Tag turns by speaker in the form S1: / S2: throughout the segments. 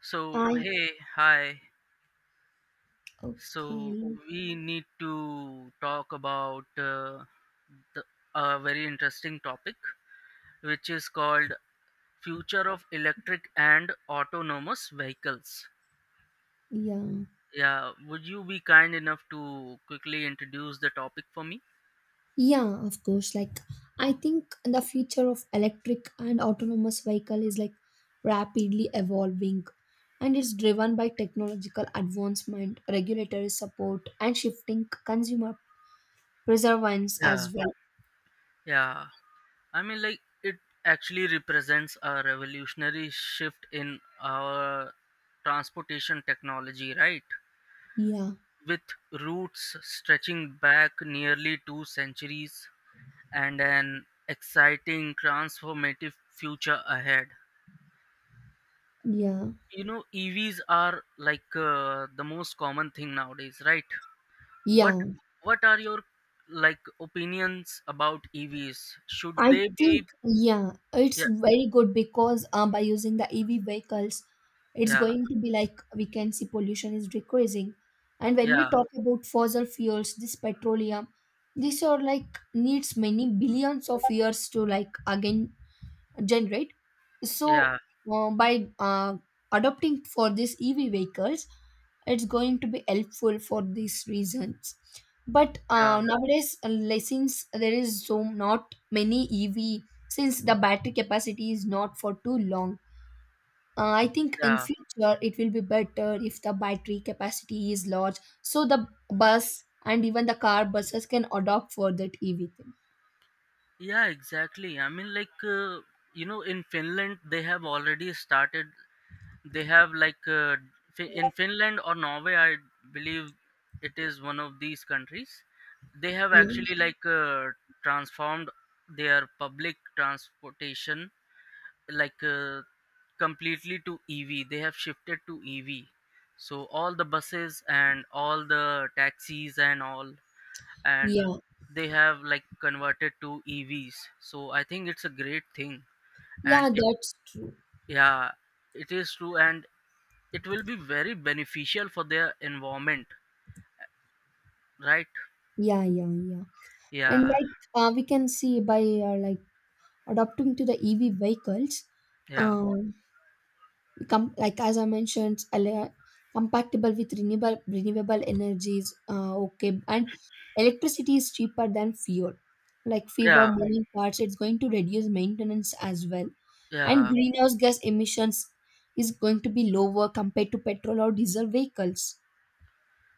S1: So,
S2: I
S1: hey, hi.
S2: Okay,
S1: So,
S2: l-
S1: we need to talk about the, a very interesting topic, which is called future of electric and autonomous vehicles.
S2: yeah.
S1: Yeah, would you be kind enough to quickly introduce the topic for me?
S2: Yeah, of course. I think the future of electric and autonomous vehicle is like rapidly evolving, and it's driven by technological advancement, regulatory support and shifting consumer preferences
S1: Yeah,
S2: as well.
S1: yeah. I mean, like, it actually represents a revolutionary shift in our transportation technology, right?
S2: Yeah.
S1: With roots stretching back nearly two centuries and an exciting transformative future ahead.
S2: Yeah.
S1: EVs are like the most common thing nowadays, right? What
S2: Yeah.
S1: what are your like opinions about EVs? Should
S2: I
S1: they
S2: think,
S1: be
S2: yeah, it's
S1: yeah,
S2: very good because by using the EV vehicles, it's
S1: yeah,
S2: going to be like we can see pollution is decreasing. And when we
S1: yeah,
S2: talk about fossil fuels, this petroleum, these are like needs many billions of years to like again generate. So
S1: yeah,
S2: by adopting for these EV vehicles, it's going to be helpful for these reasons, but
S1: yeah,
S2: nowadays like, since there is so not many ev, since the battery capacity is not for too long, I think in
S1: yeah.
S2: future it will be better if the battery capacity is large, so the bus and even the car buses can adopt for that ev thing.
S1: Yeah, exactly. I mean, like, in Finland, they have already started. They have like in Finland or Norway, I believe it is one of these countries. They have
S2: Yes.
S1: actually like transformed their public transportation like completely to EV. They have shifted to EV. So all the buses and all the taxis and all and
S2: Yeah,
S1: they have like converted to EVs. So I think it's a great thing and
S2: yeah,
S1: it
S2: that's true.
S1: yeah, it is true, and it will be very beneficial for their environment, right?
S2: Yeah, yeah, yeah. And
S1: Yeah,
S2: like we can see by like adopting to the ev vehicles,
S1: yeah,
S2: um like as I mentioned earlier, compatible with renewable energies. Okay, and electricity is cheaper than fuel. Like fewer
S1: yeah,
S2: moving parts, it's going to reduce maintenance as well, and
S1: yeah,
S2: greenhouse gas emissions is going to be lower compared to petrol or diesel vehicles.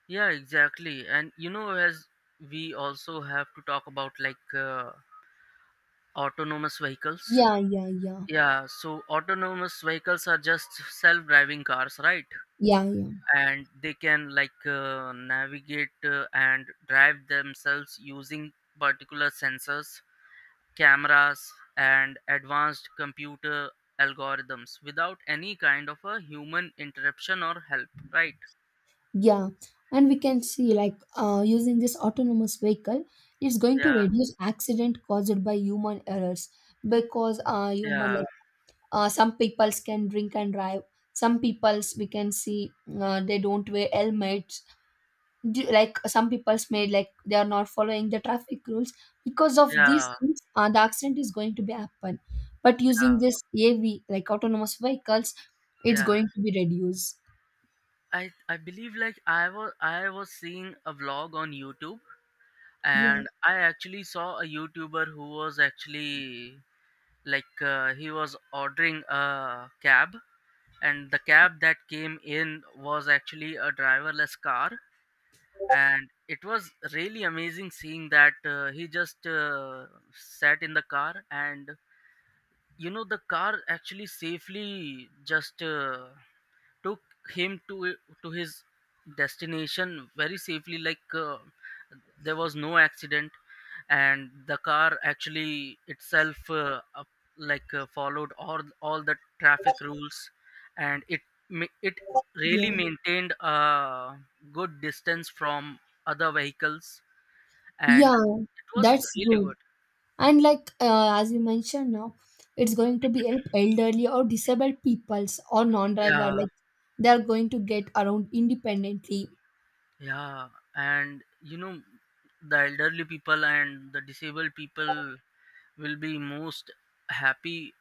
S1: yeah, exactly. And you know, as we also have to talk about like autonomous vehicles,
S2: Yeah, yeah, yeah,
S1: yeah, so autonomous vehicles are just self-driving cars, right?
S2: yeah, yeah,
S1: And they can like navigate and drive themselves using particular sensors, cameras, and advanced computer algorithms without any kind of a human interruption or help, right?
S2: yeah. And we can see like using this autonomous vehicle, it's going to
S1: Yeah,
S2: reduce accident caused by human errors because human
S1: yeah,
S2: some peoples can drink and drive, some peoples we can see they don't wear helmets. Like some peoples made like they are not following the traffic rules, because of these
S1: yeah,
S2: things the accident is going to be happen, but
S1: yeah,
S2: using this av, like autonomous vehicles, it's
S1: yeah.
S2: going to be reduced.
S1: I believe, like, I was seeing a vlog on YouTube,
S2: Yeah,
S1: and I actually saw a YouTuber who was actually like he was ordering a cab, and the cab that came in was actually a driverless car, and it was really amazing seeing that he just sat in the car and you know the car actually safely just took him to his destination very safely. Like there was no accident and the car actually itself followed all the traffic rules and it really
S2: yeah,
S1: maintained a good distance from other vehicles and
S2: yeah,
S1: it was
S2: that's
S1: really
S2: good.
S1: good.
S2: And like as you mentioned now, it's going to be help elderly or disabled peoples or non-driver,
S1: Yeah,
S2: like they are going to get around independently.
S1: yeah. And you know, the elderly people and the disabled people will be most happy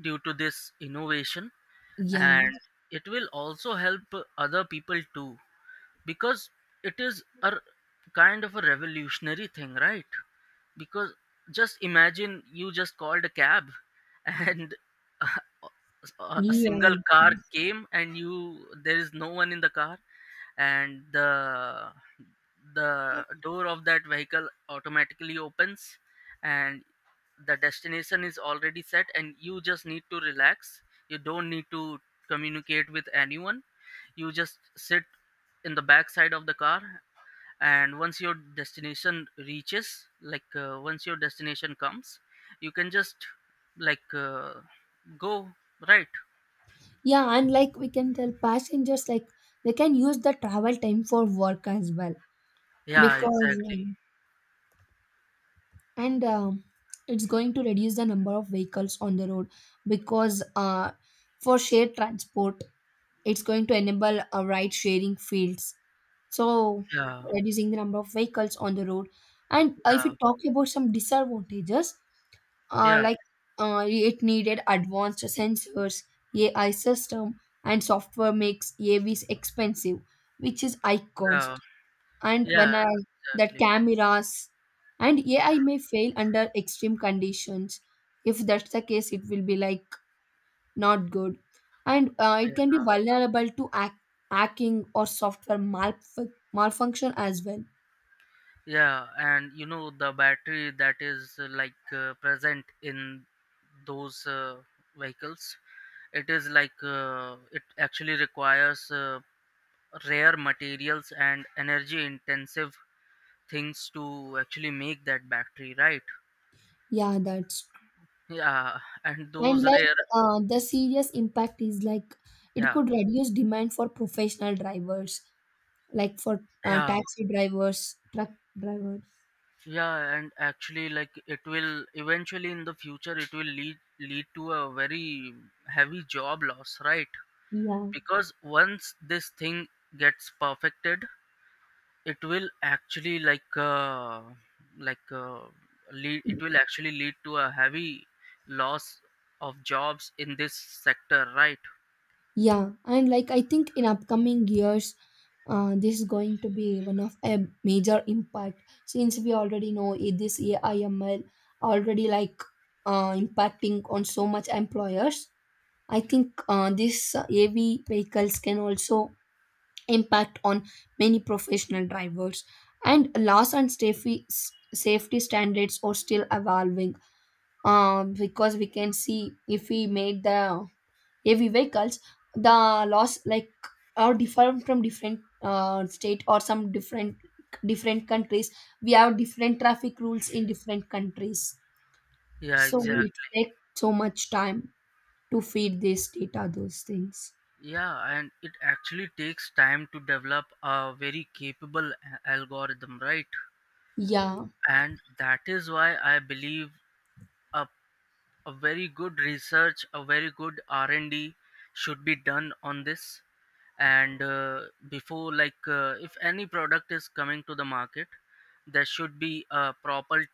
S1: due to this innovation,
S2: Yeah,
S1: and it will also help other people too, because it is a kind of a revolutionary thing, right? Because just imagine you just called a cab and a a single
S2: yeah,
S1: car came and you there is no one in the car, and the door of that vehicle automatically opens and the destination is already set and you just need to relax. You don't need to communicate with anyone. You just sit in the back side of the car, and once your destination reaches, like once your destination comes, you can just like go, right?
S2: yeah. And like we can tell passengers like they can use the travel time for work as well,
S1: Yeah,
S2: because
S1: exactly,
S2: and it's going to reduce the number of vehicles on the road, because for shared transport it's going to enable a ride sharing fields, so
S1: yeah,
S2: reducing the number of vehicles on the road. And if
S1: yeah,
S2: we talk about some disadvantages, uh,
S1: yeah,
S2: like it needed advanced sensors, ai system, and software makes avs expensive, which is high
S1: yeah,
S2: cost. And
S1: yeah,
S2: when that
S1: exactly,
S2: cameras and ai may fail under extreme conditions, if that's the case it will be like not good. And it can be
S1: yeah,
S2: vulnerable to hacking or software malfunction as well.
S1: yeah. And you know, the battery that is present in those vehicles, it is like it actually requires rare materials and energy intensive things to actually make that battery, right?
S2: Yeah that's
S1: Yeah, and
S2: And
S1: those
S2: like
S1: rare
S2: the serious impact is like it
S1: yeah,
S2: could reduce demand for professional drivers, like for
S1: yeah,
S2: taxi drivers, truck drivers.
S1: yeah. And actually, like, it will eventually in the future it will lead to a very heavy job loss, right?
S2: Yeah,
S1: Because once this thing gets perfected, it will actually like lead it will actually lead to a heavy loss of jobs in this sector, right?
S2: yeah. And like I think in upcoming years, this is going to be one of a major impact, since we already know this AI ML already like impacting on so much employers. I think this AV vehicles can also impact on many professional drivers, and laws and safety standards are still evolving. Because we can see, if we made the heavy vehicles, the laws like are different from different state or some different countries. We have different traffic rules in different countries,
S1: Yeah,
S2: so
S1: exactly.
S2: it takes so much time to feed this data those things.
S1: Yeah, and it actually takes time to develop a very capable algorithm, right?
S2: Yeah,
S1: And that is why I believe a, a very good research, a very good R&D should be done on this. And before, like, if any product is coming to the market, there should be a proper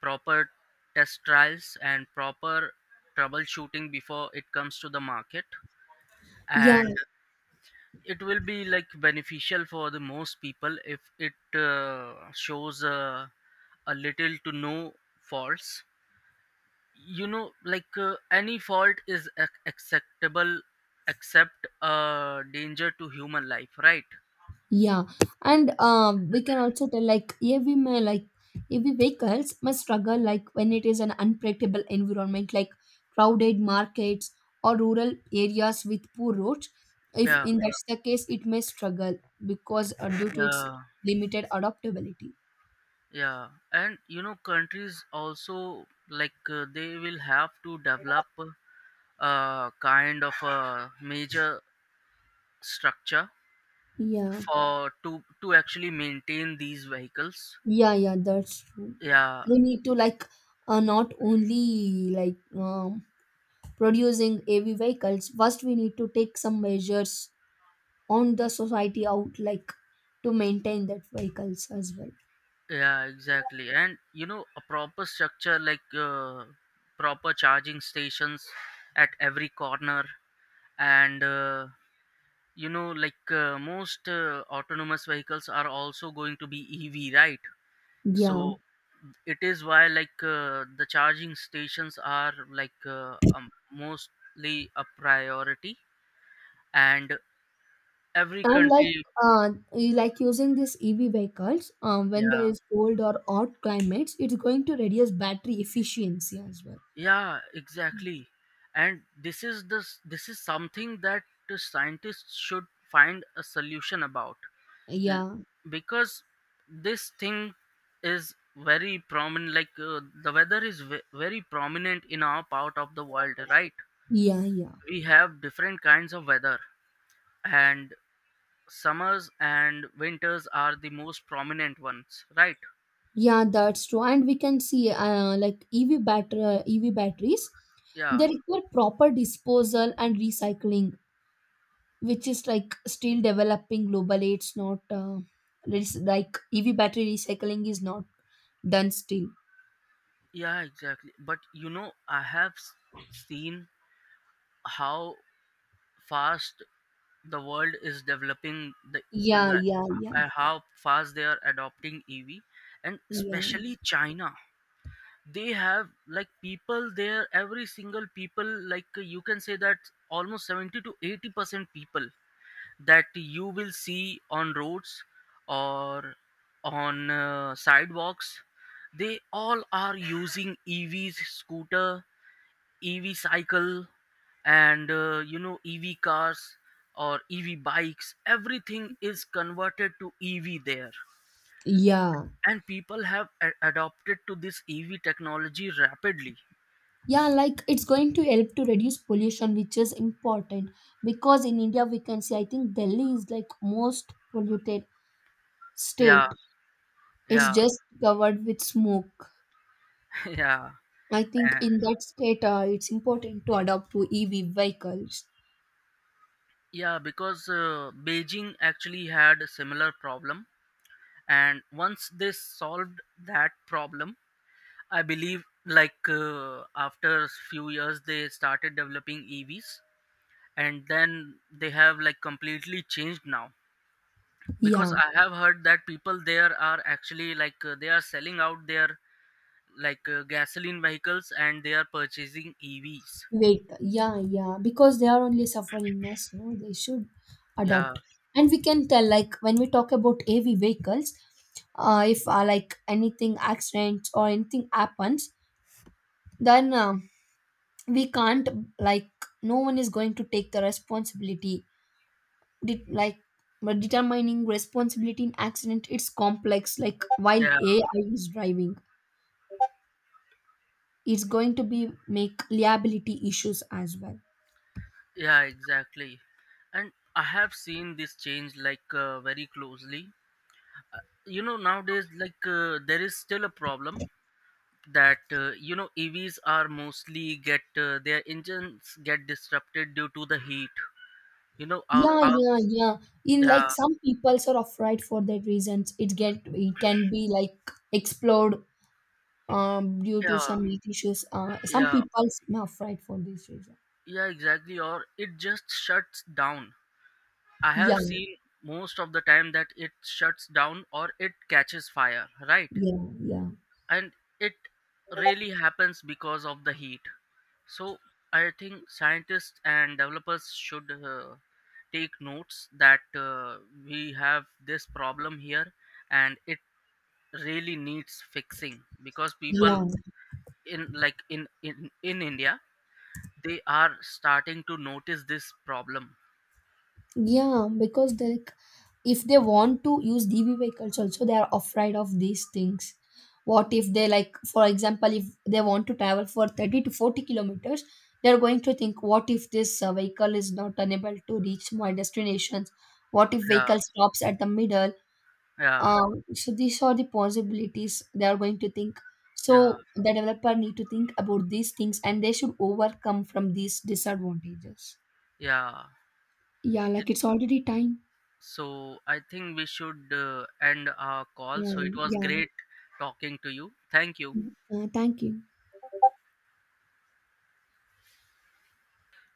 S1: proper test trials and proper troubleshooting before it comes to the market,
S2: yeah.
S1: and it will be like beneficial for the most people if it shows a little to no faults. You know, like any fault is acceptable except danger to human life, right?
S2: Yeah, and we can also tell like like every vehicles must struggle like when it is an unpredictable environment, like crowded markets or rural areas with poor roads. If
S1: Yeah,
S2: in that's the case, it may struggle because due to its
S1: yeah,
S2: limited adaptability.
S1: yeah. And you know, countries also, like they will have to develop a kind of a major structure
S2: Yeah,
S1: for to actually maintain these vehicles.
S2: yeah, yeah. That's true.
S1: Yeah,
S2: We need to like not only like producing heavy vehicles. First, we need to take some measures on the society out, like to maintain that vehicles as well.
S1: yeah, exactly. And you know, a proper structure like proper charging stations at every corner, and like most autonomous vehicles are also going to be EV, right?
S2: Yeah,
S1: So it is why like the charging stations are like mostly a priority, and every
S2: and like
S1: country
S2: you like using these ev vehicles, when
S1: yeah,
S2: there is cold or hot climates it's going to reduce battery efficiency as well.
S1: yeah, exactly. And this is something that the scientists should find a solution about. L-
S2: Yeah,
S1: because this thing is very prominent. Like the weather is very prominent in our part of the world, right?
S2: yeah, yeah,
S1: We have different kinds of weather, and summers and winters are the most prominent ones, right?
S2: yeah, that's true. And we can see ev batteries,
S1: Yeah,
S2: they require proper disposal and recycling, which is like still developing globally. It's not it's like ev battery recycling is not done still.
S1: yeah, exactly. But you know, seen how fast the world is developing, the
S2: Yeah,
S1: like,
S2: yeah, yeah,
S1: how fast they are adopting EV, and
S2: yeah,
S1: especially China. They have like people there, every single people, like you can say that almost 70 to 80% people that you will see on roads or on sidewalks, they all are using EVs scooter, EV cycle, and EV cars or EV bikes, everything is converted to EV there,
S2: yeah,
S1: and people have adopted to this EV technology rapidly.
S2: yeah. Like it's going to help to reduce pollution, which is important, because in India we can see. I think Delhi is like most polluted
S1: Yeah,
S2: state. It's
S1: yeah.
S2: just covered with smoke.
S1: Yeah,
S2: I think
S1: eh,
S2: in that state, it's important to adopt to EV vehicles.
S1: yeah, because Beijing actually had a similar problem, and once they solved that problem, I believe like after few years they started developing EVs, and then they have like completely changed now, because
S2: Yeah.
S1: I have heard that people there are actually like they are selling out their like gasoline vehicles and they are purchasing EVs.
S2: Wait, yeah, yeah, because they are only suffering now, so they should
S1: Yeah,
S2: adopt. And we can tell, like, when we talk about AV vehicles, if like anything accidents or anything happens, then we can't like no one is going to take the responsibility. Like but determining responsibility in accident, it's complex. Like while
S1: yeah,
S2: AI is driving, it's going to be make liability issues as well.
S1: yeah, exactly. And I have seen this change like very closely. Uh, you know, nowadays like there is still a problem that you know EVs are mostly get their engines get disrupted due to the heat. You know,
S2: Yeah,
S1: our
S2: yeah, yeah. In like
S1: yeah,
S2: some peoples are afraid for that reasons. It get it can be like explode, due to
S1: yeah.
S2: some health issues. Some
S1: Yeah,
S2: peoples are afraid for this reason.
S1: yeah, exactly. Or it just shuts down. I
S2: Yeah,
S1: have seen most of the time that it shuts down or it catches fire, right?
S2: yeah, yeah,
S1: And it really happens because of the heat. So I think scientists and developers should take notes that we have this problem here, and it really needs fixing because people
S2: yeah,
S1: in like in India they are starting to notice this problem.
S2: yeah. Because like if they want to use DB vehicles also, they are afraid of these things. What if they, like for example, if they want to travel for 30 to 40 kilometers, they're going to think, what if this vehicle is not unable to reach my destinations, what if
S1: Yeah.
S2: vehicle stops at the middle.
S1: Yeah,
S2: So these are the possibilities they are going to think,
S1: yeah,
S2: so the developer need to think about these things and they should overcome from these disadvantages.
S1: yeah.
S2: Yeah,
S1: It,
S2: like it's already time.
S1: so I think we should end our call.
S2: Yeah,
S1: So it was
S2: yeah.
S1: great talking to you. Thank you.
S2: Mm. Thank you.